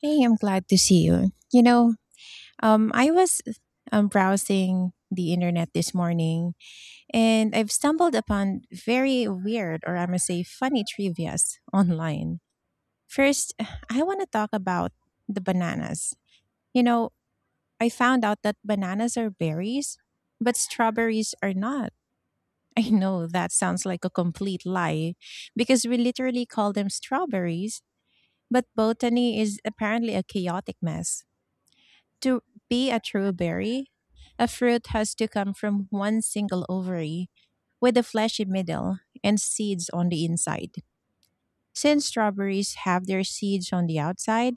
Hey, I'm glad to see you. I was browsing the internet this morning and I've stumbled upon very weird or I must say funny trivias online. First, I want to talk about the bananas. You know, I found out that bananas are berries, but strawberries are not. I know that sounds like a complete lie because we literally call them strawberries, but botany is apparently a chaotic mess. To be a true berry, a fruit has to come from one single ovary, with a fleshy middle and seeds on the inside. Since strawberries have their seeds on the outside,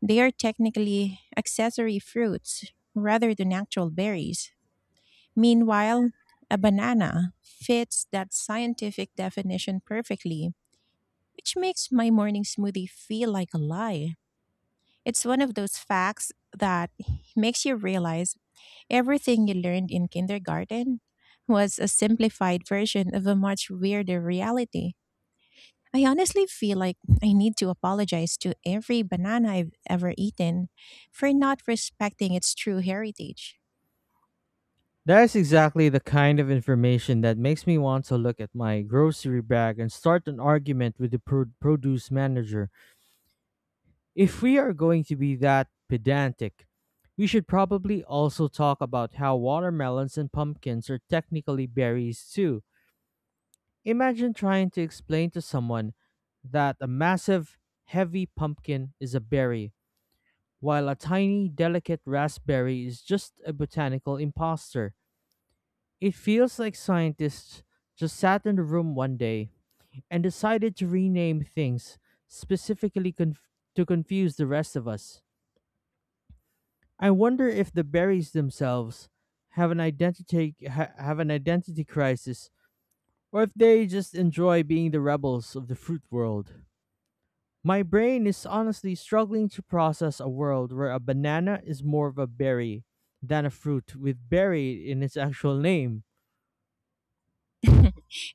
they are technically accessory fruits rather than actual berries. Meanwhile, a banana fits that scientific definition perfectly, which makes my morning smoothie feel like a lie. It's one of those facts that makes you realize everything you learned in kindergarten was a simplified version of a much weirder reality. I honestly feel like I need to apologize to every banana I've ever eaten for not respecting its true heritage. That is exactly the kind of information that makes me want to look at my grocery bag and start an argument with the produce manager. If we are going to be that pedantic, we should probably also talk about how watermelons and pumpkins are technically berries too. Imagine trying to explain to someone that a massive, heavy pumpkin is a berry, while a tiny, delicate raspberry is just a botanical imposter. It feels like scientists just sat in a room one day and decided to rename things specifically conf- to confuse the rest of us. I wonder if the berries themselves have an identity crisis or if they just enjoy being the rebels of the fruit world. My brain is honestly struggling to process a world where a banana is more of a berry than a fruit with berry in its actual name.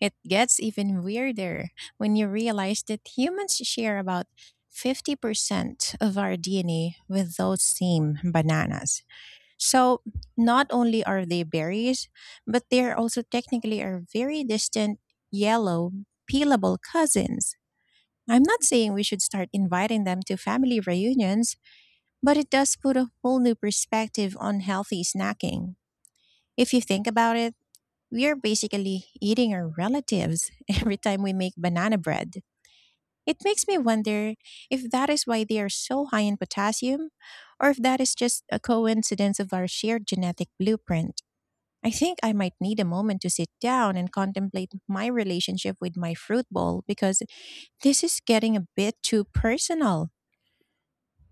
It gets even weirder when you realize that humans share about 50% of our DNA with those same bananas. So, not only are they berries, but they are also technically our very distant, yellow, peelable cousins. I'm not saying we should start inviting them to family reunions, but it does put a whole new perspective on healthy snacking. If you think about it, we are basically eating our relatives every time we make banana bread. It makes me wonder if that is why they are so high in potassium, or if that is just a coincidence of our shared genetic blueprint. I think I might need a moment to sit down and contemplate my relationship with my fruit bowl, because this is getting a bit too personal.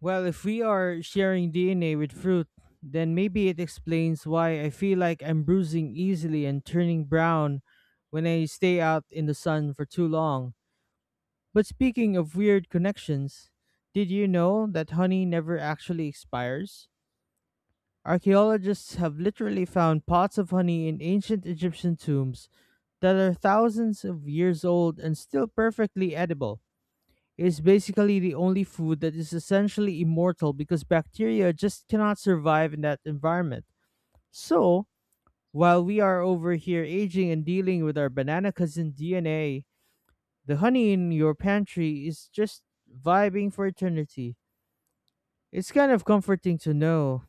Well, if we are sharing DNA with fruit, then maybe it explains why I feel like I'm bruising easily and turning brown when I stay out in the sun for too long. But speaking of weird connections, did you know that honey never actually expires? Archaeologists have literally found pots of honey in ancient Egyptian tombs that are thousands of years old and still perfectly edible. Is basically the only food that is essentially immortal because bacteria just cannot survive in that environment. So, while we are over here aging and dealing with our banana cousin DNA, the honey in your pantry is just vibing for eternity. It's kind of comforting to know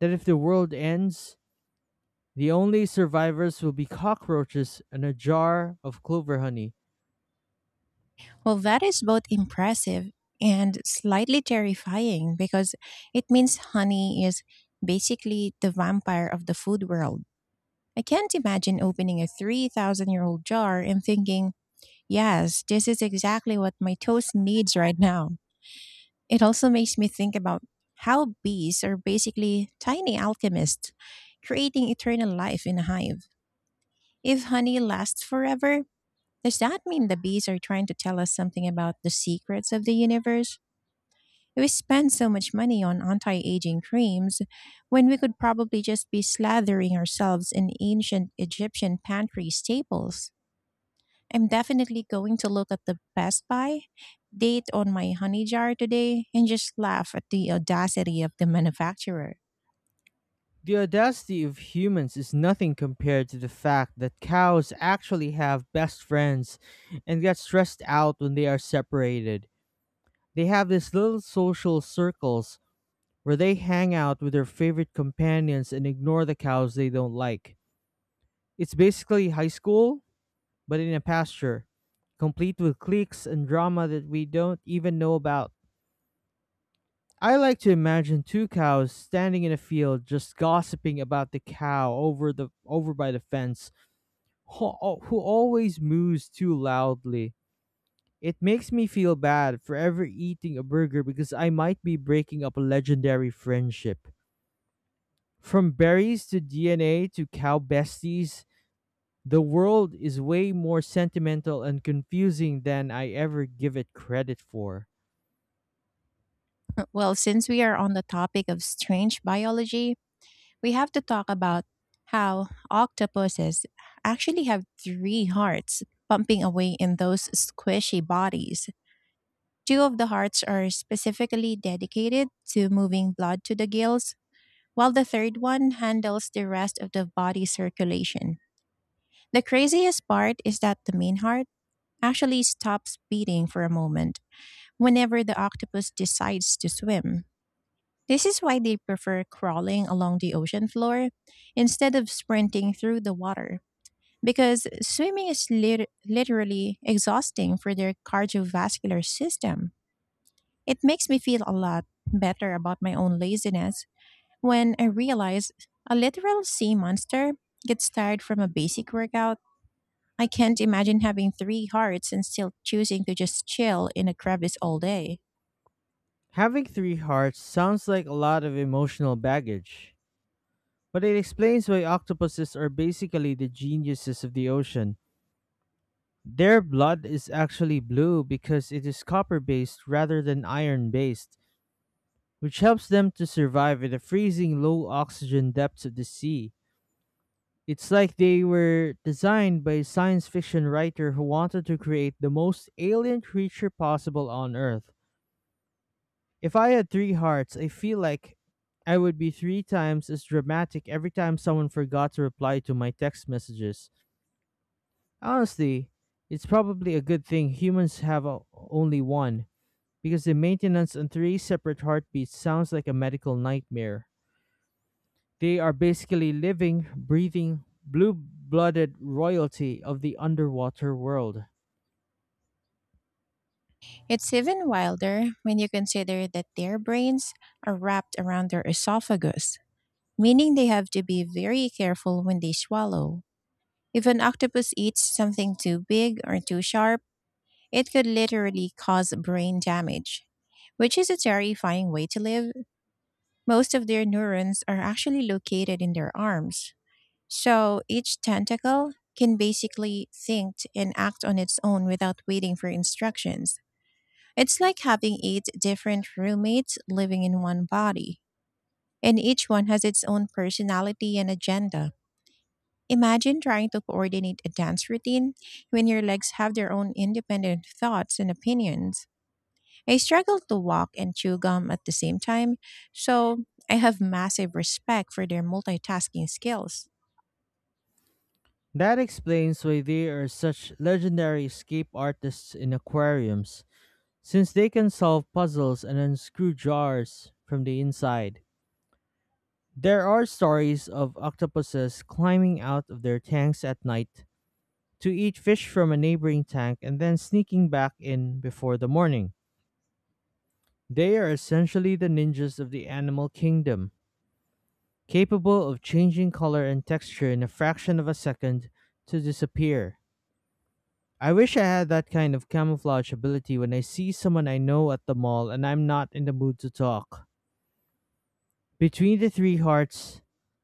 that if the world ends, the only survivors will be cockroaches and a jar of clover honey. Well, that is both impressive and slightly terrifying, because it means honey is basically the vampire of the food world. I can't imagine opening a 3,000 year old jar and thinking, yes, this is exactly what my toast needs right now. It also makes me think about how bees are basically tiny alchemists creating eternal life in a hive. If honey lasts forever, does that mean the bees are trying to tell us something about the secrets of the universe? We spend so much money on anti aging creams when we could probably just be slathering ourselves in ancient Egyptian pantry staples. I'm definitely going to look at the Best Buy date on my honey jar today and just laugh at the audacity of the manufacturer. The audacity of humans is nothing compared to the fact that cows actually have best friends and get stressed out when they are separated. They have these little social circles where they hang out with their favorite companions and ignore the cows they don't like. It's basically high school, but in a pasture, complete with cliques and drama that we don't even know about. I like to imagine two cows standing in a field just gossiping about the cow over by the fence who always moos too loudly. It makes me feel bad for ever eating a burger because I might be breaking up a legendary friendship. From berries to DNA to cow besties, the world is way more sentimental and confusing than I ever give it credit for. Well, since we are on the topic of strange biology, we have to talk about how octopuses actually have three hearts pumping away in those squishy bodies. Two of the hearts are specifically dedicated to moving blood to the gills, while the third one handles the rest of the body circulation. The craziest part is that the main heart actually stops beating for a moment whenever the octopus decides to swim. This is why they prefer crawling along the ocean floor instead of sprinting through the water, because swimming is literally exhausting for their cardiovascular system. It makes me feel a lot better about my own laziness when I realize a literal sea monster gets tired from a basic workout. I can't imagine having three hearts and still choosing to just chill in a crevice all day. Having three hearts sounds like a lot of emotional baggage, but it explains why octopuses are basically the geniuses of the ocean. Their blood is actually blue because it is copper based rather than iron based, which helps them to survive in the freezing low oxygen depths of the sea. It's like they were designed by a science fiction writer who wanted to create the most alien creature possible on Earth. If I had three hearts, I feel like I would be three times as dramatic every time someone forgot to reply to my text messages. Honestly, it's probably a good thing humans have only one, because the maintenance on three separate heartbeats sounds like a medical nightmare. They are basically living, breathing, blue blooded royalty of the underwater world. It's even wilder when you consider that their brains are wrapped around their esophagus, meaning they have to be very careful when they swallow. If an octopus eats something too big or too sharp, it could literally cause brain damage, which is a terrifying way to live. Most of their neurons are actually located in their arms, so each tentacle can basically think and act on its own without waiting for instructions. It's like having eight different roommates living in one body, and each one has its own personality and agenda. Imagine trying to coordinate a dance routine when your legs have their own independent thoughts and opinions. I struggle to walk and chew gum at the same time, so I have massive respect for their multitasking skills. That explains why they are such legendary escape artists in aquariums, since they can solve puzzles and unscrew jars from the inside. There are stories of octopuses climbing out of their tanks at night to eat fish from a neighboring tank and then sneaking back in before the morning. They are essentially the ninjas of the animal kingdom, capable of changing color and texture in a fraction of a second to disappear. I wish I had that kind of camouflage ability when I see someone I know at the mall and I'm not in the mood to talk. Between the three hearts,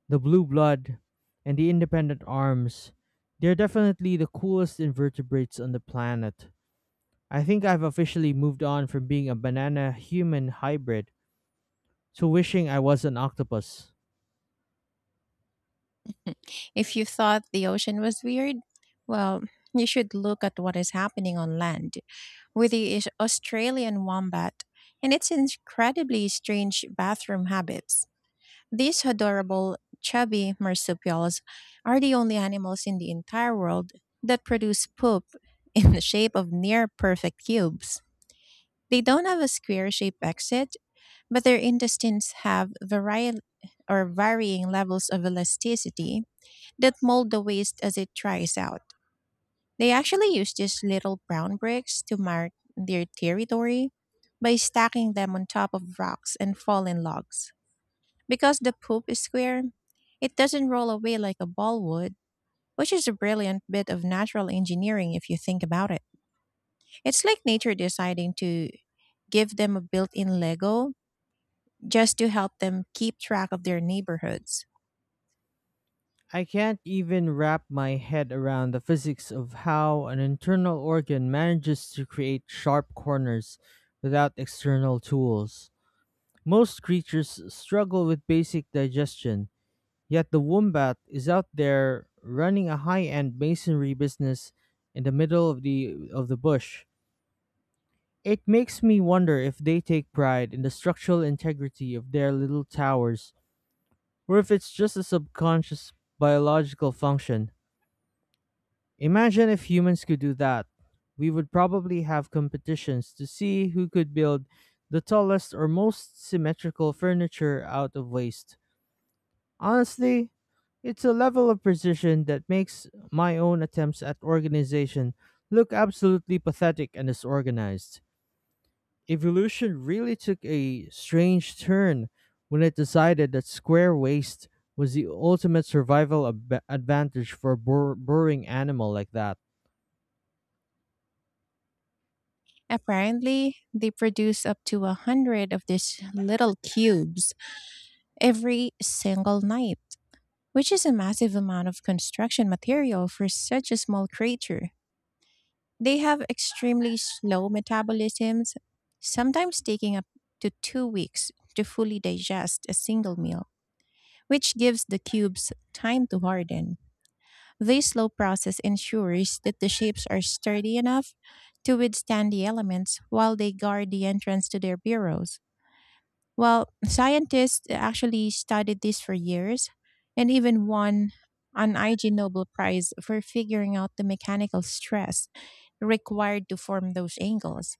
the blue blood, and the independent arms, they're definitely the coolest invertebrates on the planet. I think I've officially moved on from being a banana human hybrid to wishing I was an octopus. If you thought the ocean was weird, well, you should look at what is happening on land with the Australian wombat and its incredibly strange bathroom habits. These adorable, chubby marsupials are the only animals in the entire world that produce poop in the shape of near perfect cubes. They don't have a square shaped exit, but their intestines have variety or varying levels of elasticity that mold the waste as it dries out. They actually use these little brown bricks to mark their territory by stacking them on top of rocks and fallen logs. Because the poop is square, it doesn't roll away like a ball would, which is a brilliant bit of natural engineering if you think about it. It's like nature deciding to give them a built in Lego just to help them keep track of their neighborhoods. I can't even wrap my head around the physics of how an internal organ manages to create sharp corners without external tools. Most creatures struggle with basic digestion, yet the wombat is out there running a high-end masonry business in the middle of the bush. It makes me wonder if they take pride in the structural integrity of their little towers, or if it's just a subconscious biological function. Imagine if humans could do that. We would probably have competitions to see who could build the tallest or most symmetrical furniture out of waste. Honestly, it's a level of precision that makes my own attempts at organization look absolutely pathetic and disorganized. Evolution really took a strange turn when it decided that square waist was the ultimate advantage for a burrowing animal like that. Apparently, they produce up to 100 of these little cubes every single night, which is a massive amount of construction material for such a small creature. They have extremely slow metabolisms, sometimes taking up to 2 weeks to fully digest a single meal, which gives the cubes time to harden. This slow process ensures that the shapes are sturdy enough to withstand the elements while they guard the entrance to their burrows. Well, scientists actually studied this for years and even won an IG Nobel Prize for figuring out the mechanical stress required to form those angles.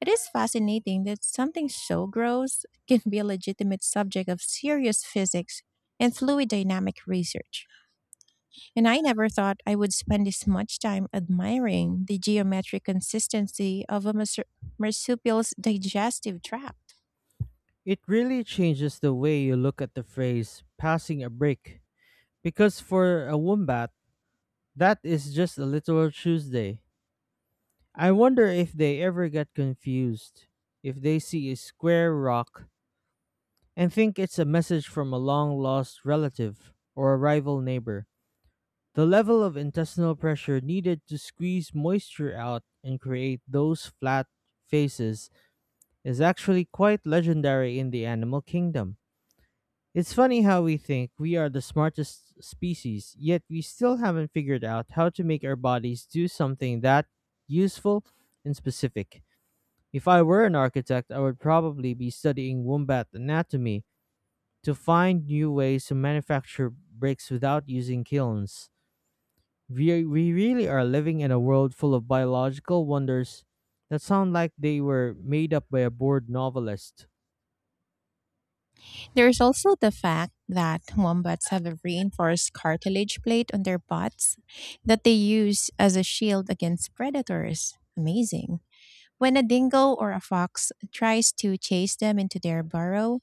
It is fascinating that something so gross can be a legitimate subject of serious physics and fluid dynamic research. And I never thought I would spend this much time admiring the geometric consistency of a marsupial's digestive tract. It really changes the way you look at the phrase passing a brick, because for a wombat, that is just a literal Tuesday. I wonder if they ever get confused, if they see a square rock and think it's a message from a long lost relative or a rival neighbor. The level of intestinal pressure needed to squeeze moisture out and create those flat faces is actually quite legendary in the animal kingdom. It's funny how we think we are the smartest species, yet we still haven't figured out how to make our bodies do something that useful and specific. If I were an architect, I would probably be studying wombat anatomy to find new ways to manufacture bricks without using kilns. We really are living in a world full of biological wonders that sound like they were made up by a bored novelist. There's also the fact that wombats have a reinforced cartilage plate on their butts that they use as a shield against predators. Amazing. When a dingo or a fox tries to chase them into their burrow,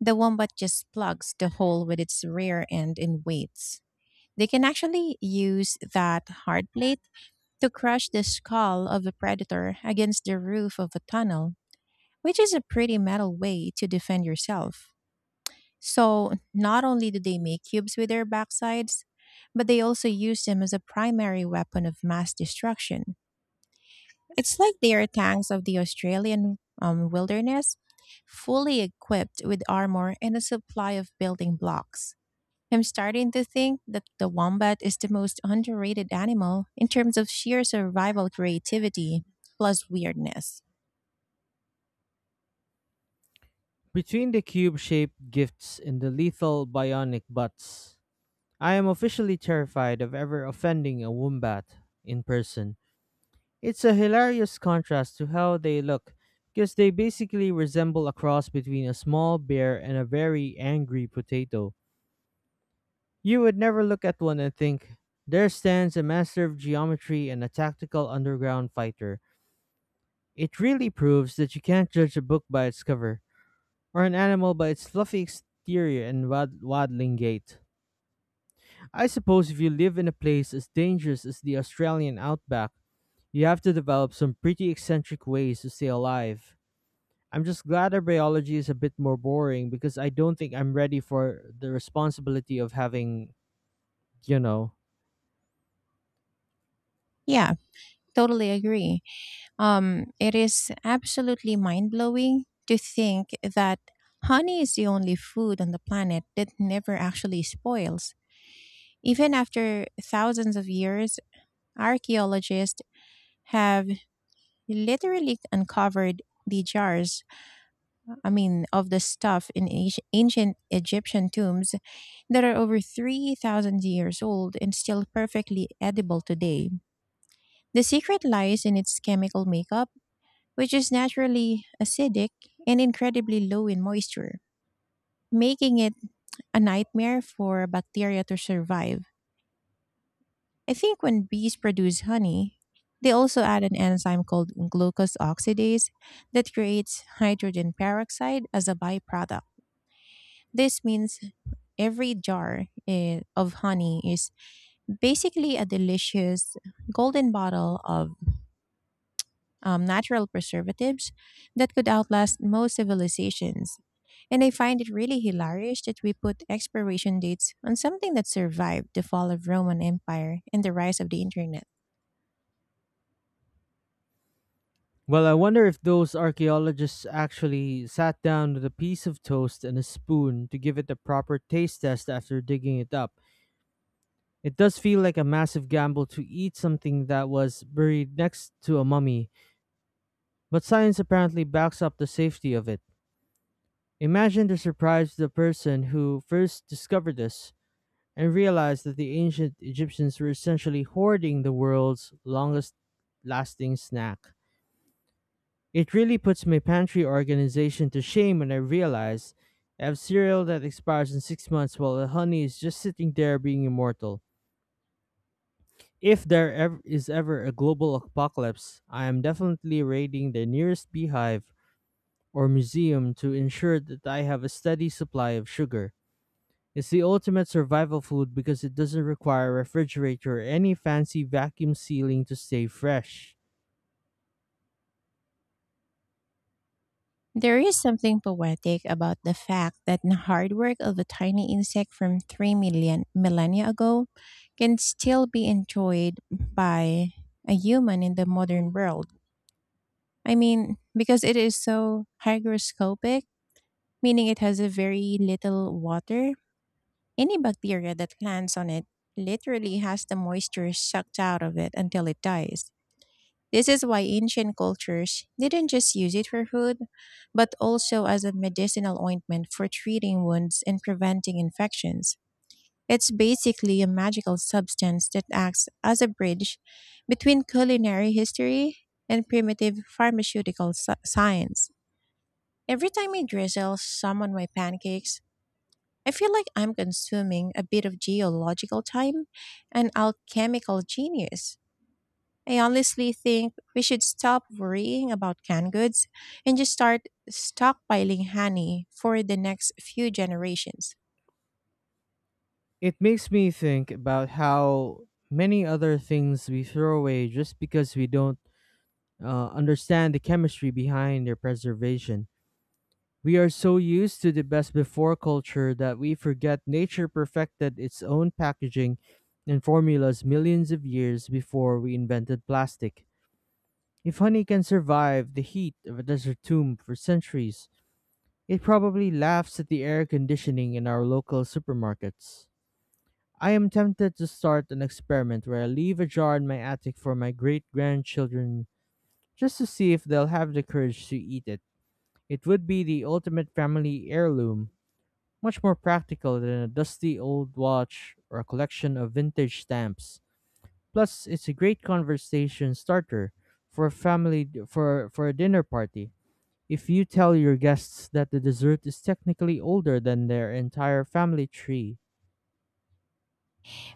the wombat just plugs the hole with its rear end and waits. They can actually use that hard plate to crush the skull of a predator against the roof of a tunnel, which is a pretty metal way to defend yourself. So, not only do they make cubes with their backsides, but they also use them as a primary weapon of mass destruction. It's like they are tanks of the Australian wilderness, fully equipped with armor and a supply of building blocks. I'm starting to think that the wombat is the most underrated animal in terms of sheer survival creativity plus weirdness. Between the cube shaped gifts and the lethal bionic butts, I am officially terrified of ever offending a wombat in person. It's a hilarious contrast to how they look, because they basically resemble a cross between a small bear and a very angry potato. You would never look at one and think, there stands a master of geometry and a tactical underground fighter. It really proves that you can't judge a book by its cover, or an animal by its fluffy exterior and waddling gait. I suppose if you live in a place as dangerous as the Australian outback, you have to develop some pretty eccentric ways to stay alive. I'm just glad our biology is a bit more boring, because I don't think I'm ready for the responsibility of having, you know, Yeah, totally agree. It is absolutely mind blowing to think that honey is the only food on the planet that never actually spoils. Even after thousands of years, archaeologists have literally uncovered the jars, I mean, of the stuff in ancient Egyptian tombs that are over 3,000 years old and still perfectly edible today. The secret lies in its chemical makeup, which is naturally acidic and incredibly low in moisture, making it a nightmare for bacteria to survive. I think when bees produce honey, they also add an enzyme called glucose oxidase that creates hydrogen peroxide as a byproduct. This means every jar of honey is basically a delicious golden bottle of natural preservatives that could outlast most civilizations. And I find it really hilarious that we put expiration dates on something that survived the fall of Roman Empire and the rise of the internet. well, I wonder if those archaeologists actually sat down with a piece of toast and a spoon to give it the proper taste test after digging it up. It does feel like a massive gamble to eat something that was buried next to a mummy, but science apparently backs up the safety of it. Imagine the surprise of the person who first discovered this and realized that the ancient Egyptians were essentially hoarding the world's longest lasting snack. It really puts my pantry organization to shame when I realize I have cereal that expires in 6 months while the honey is just sitting there being immortal. If there ever is ever a global apocalypse, I am definitely raiding the nearest beehive or museum to ensure that I have a steady supply of sugar. It's the ultimate survival food because it doesn't require a refrigerator or any fancy vacuum sealing to stay fresh. There is something poetic about the fact that the hard work of a tiny insect from 3 million millennia ago can still be enjoyed by a human in the modern world. I mean, because it is so hygroscopic, meaning it has a very little water. Any bacteria that lands on it literally has the moisture sucked out of it until it dies. This is why ancient cultures didn't just use it for food, but also as a medicinal ointment for treating wounds and preventing infections. It's basically a magical substance that acts as a bridge between culinary history and primitive pharmaceutical science. Every time I drizzle some on my pancakes, I feel like I'm consuming a bit of geological time and alchemical genius. I honestly think we should stop worrying about canned goods and just start stockpiling honey for the next few generations. It makes me think about how many other things we throw away just because we don't understand the chemistry behind their preservation. We are so used to the best before culture that we forget nature perfected its own packaging and formulas millions of years before we invented plastic. If honey can survive the heat of a desert tomb for centuries, it probably laughs at the air conditioning in our local supermarkets. I am tempted to start an experiment where I leave a jar in my attic for my great grandchildren, just to see if they'll have the courage to eat it. It would be the ultimate family heirloom, much more practical than a dusty old watch or a collection of vintage stamps. Plus, it's a great conversation starter for a family for a dinner party. If you tell your guests that the dessert is technically older than their entire family tree,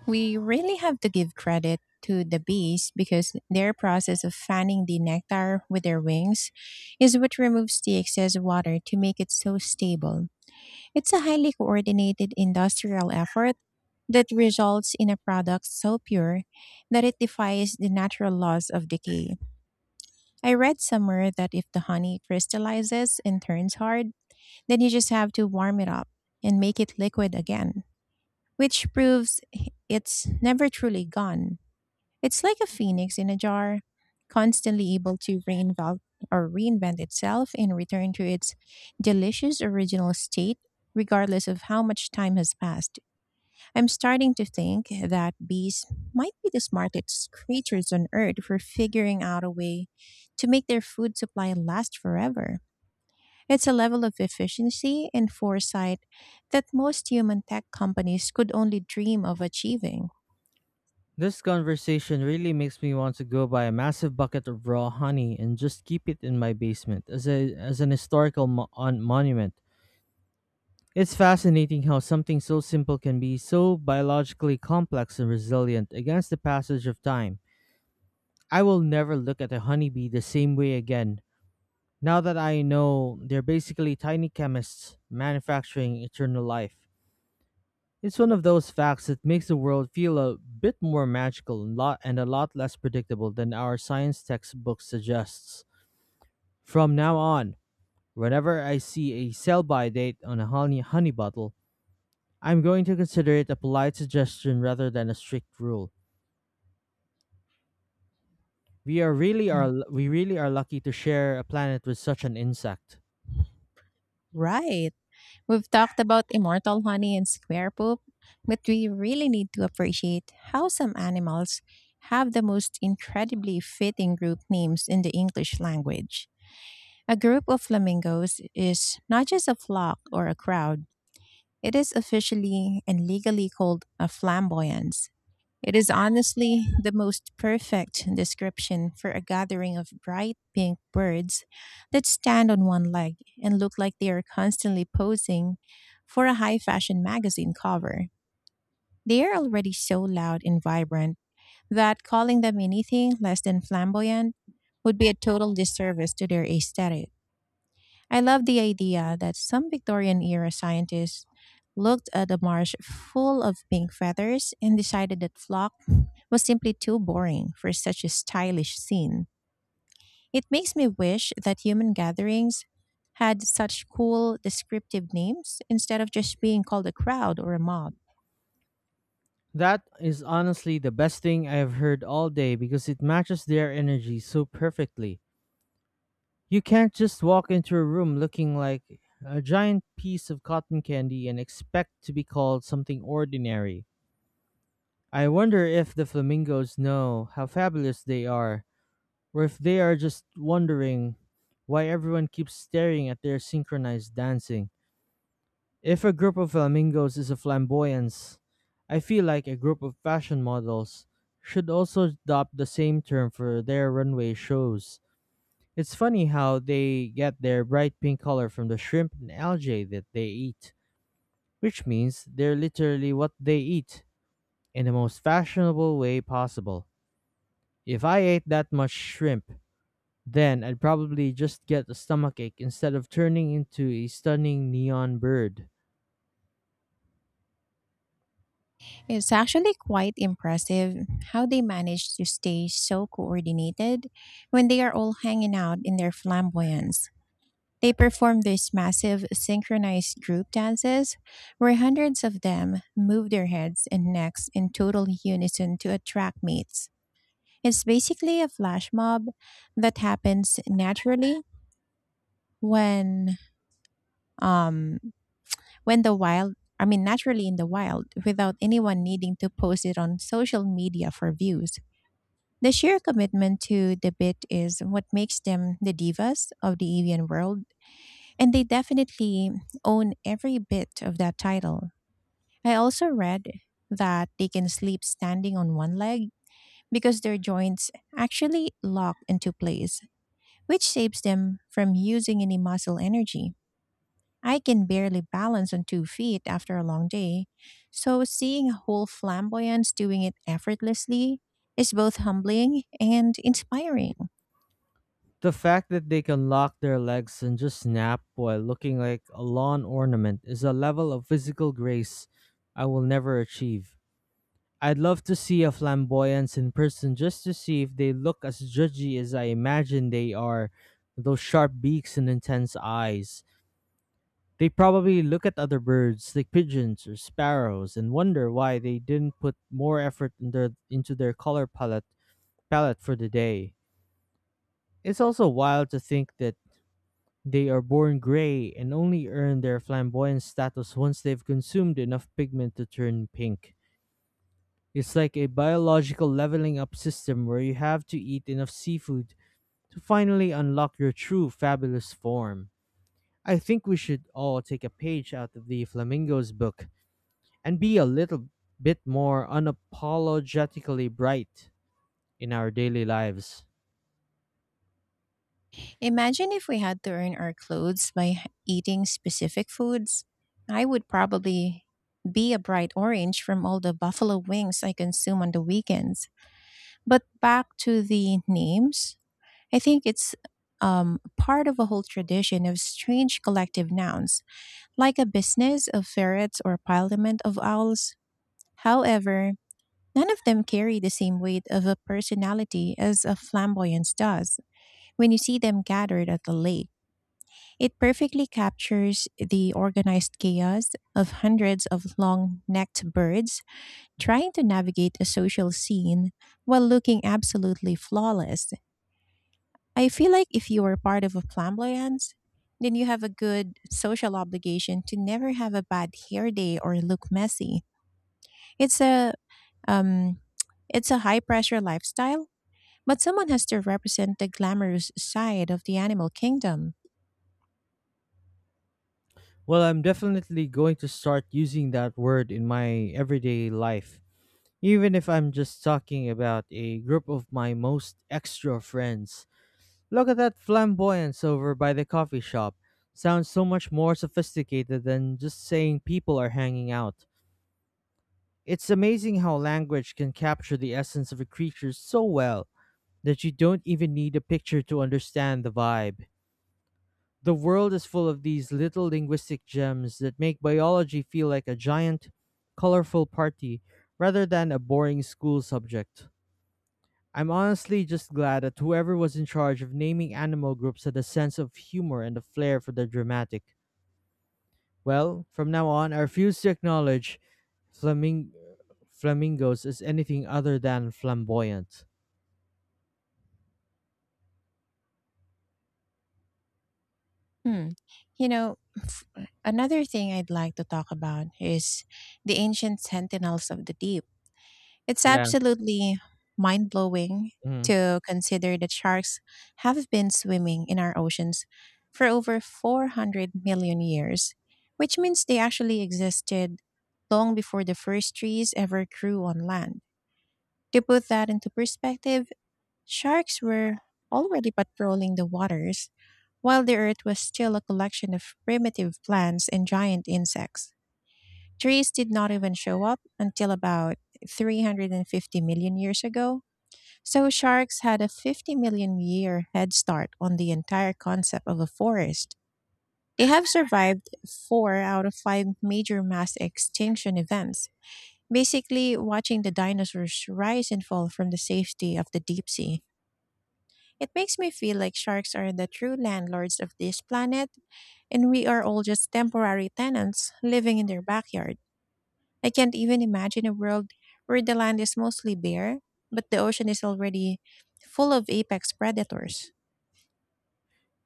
We really have to give credit to the bees because their process of fanning the nectar with their wings is what removes the excess water to make it so stable. It's a highly coordinated industrial effort that results in a product so pure that it defies the natural laws of decay. I read somewhere that if the honey crystallizes and turns hard, then you just have to warm it up and make it liquid again, which proves it's never truly gone. It's like a phoenix in a jar, constantly able to reinvent itself and return to its delicious original state regardless of how much time has passed. I'm starting to think that bees might be the smartest creatures on earth for figuring out a way to make their food supply last forever. It's a level of efficiency and foresight that most human tech companies could only dream of achieving. this conversation really makes me want to go buy a massive bucket of raw honey and just keep it in my basement as a as an historical mo- on monument. It's fascinating how something so simple can be so biologically complex and resilient against the passage of time. I will never look at a honeybee the same way again, now that I know they're basically tiny chemists manufacturing eternal life. It's one of those facts that makes the world feel a bit more magical and, a lot less predictable than our science textbook suggests. From now on, whenever I see a sell by date on a honey bottle, I'm going to consider it a polite suggestion rather than a strict rule. We are really Mm. are we really are lucky to share a planet with such an insect. Right. We've talked about immortal honey and square poop, but we really need to appreciate how some animals have the most incredibly fitting group names in the English language. A group of flamingos is not just a flock or a crowd. It is officially and legally called a flamboyance. It is honestly the most perfect description for a gathering of bright pink birds that stand on one leg and look like they are constantly posing for a high fashion magazine cover. They are already so loud and vibrant that calling them anything less than flamboyant would be a total disservice to their aesthetic. I love the idea that some Victorian era scientists looked at a marsh full of pink feathers and decided that flock was simply too boring for such a stylish scene. It makes me wish that human gatherings had such cool descriptive names instead of just being called a crowd or a mob. That is honestly the best thing I have heard all day because it matches their energy so perfectly. You can't just walk into a room looking like a giant piece of cotton candy and expect to be called something ordinary. I wonder if the flamingos know how fabulous they are, or if they are just wondering why everyone keeps staring at their synchronized dancing. If a group of flamingos is a flamboyance, I feel like a group of fashion models should also adopt the same term for their runway shows. It's funny how they get their bright pink color from the shrimp and algae that they eat, which means they're literally what they eat in the most fashionable way possible. If I ate that much shrimp, then I'd probably just get a stomachache instead of turning into a stunning neon bird. It's actually quite impressive how they manage to stay so coordinated when they are all hanging out in their flamboyance. They performed these massive synchronized group dances where hundreds of them move their heads and necks in total unison to attract mates. It's basically a flash mob that happens naturally when um when the wild I mean, naturally in the wild, without anyone needing to post it on social media for views. The sheer commitment to the bit is what makes them the divas of the avian world, and they definitely own every bit of that title. I also read that they can sleep standing on one leg because their joints actually lock into place, which saves them from using any muscle energy. I can barely balance on 2 feet after a long day, so seeing a whole flamboyance doing it effortlessly is both humbling and inspiring. The fact that they can lock their legs and just snap while looking like a lawn ornament is a level of physical grace I will never achieve. I'd love to see a flamboyance in person just to see if they look as judgy as I imagine they are. With those sharp beaks and intense eyes. They probably look at other birds, like pigeons or sparrows, and wonder why they didn't put more effort into their color palette for the day. It's also wild to think that they are born gray and only earn their flamboyant status once they've consumed enough pigment to turn pink. It's like a biological leveling up system where you have to eat enough seafood to finally unlock your true fabulous form. I think we should all take a page out of the Flamingo's book and be a little bit more unapologetically bright in our daily lives. Imagine if we had to earn our clothes by eating specific foods. I would probably be a bright orange from all the buffalo wings I consume on the weekends. But back to the names, I think it's part of a whole tradition of strange collective nouns, like a business of ferrets or parliament of owls. However, none of them carry the same weight of a personality as a flamboyance does when you see them gathered at the lake. It perfectly captures the organized chaos of hundreds of long necked birds trying to navigate a social scene while looking absolutely flawless. I feel like if you are part of a flamboyance, then you have a good social obligation to never have a bad hair day or look messy. It's a um, it's a high pressure lifestyle, but someone has to represent the glamorous side of the animal kingdom. Well, I'm definitely going to start using that word in my everyday life, even if I'm just talking about a group of my most extra friends. Look at that flamboyance over by the coffee shop. Sounds so much more sophisticated than just saying people are hanging out. It's amazing how language can capture the essence of a creature so well that you don't even need a picture to understand the vibe. The world is full of these little linguistic gems that make biology feel like a giant, colorful party rather than a boring school subject. I'm honestly just glad that whoever was in charge of naming animal groups had a sense of humor and a flair for the dramatic. Well, from now on, I refuse to acknowledge flaming- flamingos as anything other than flamboyant. Hmm. You know, f- Another thing I'd like to talk about is the ancient sentinels of the deep. It's Yeah. absolutely mind blowing Mhm. to consider that sharks have been swimming in our oceans for over 400 million years, which means they actually existed long before the first trees ever grew on land. To put that into perspective, sharks were already patrolling the waters, while the earth was still a collection of primitive plants and giant insects. Trees did not even show up until about 350 million years ago, so sharks had a 50 million year head start on the entire concept of a forest. They have survived four out of five major mass extinction events, basically watching the dinosaurs rise and fall from the safety of the deep sea. It makes me feel like sharks are the true landlords of this planet, and we are all just temporary tenants living in their backyard. I can't even imagine a world where the land is mostly bare, but the ocean is already full of apex predators.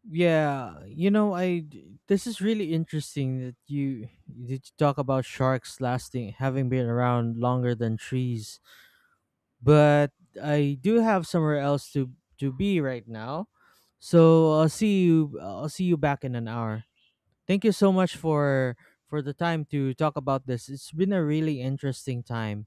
Yeah, this is really interesting that you talk about sharks lasting having been around longer than trees. But I do have somewhere else to be right now. So I'll see you. I'll see you back in an hour. Thank you so much for the time to talk about this. It's been a really interesting time.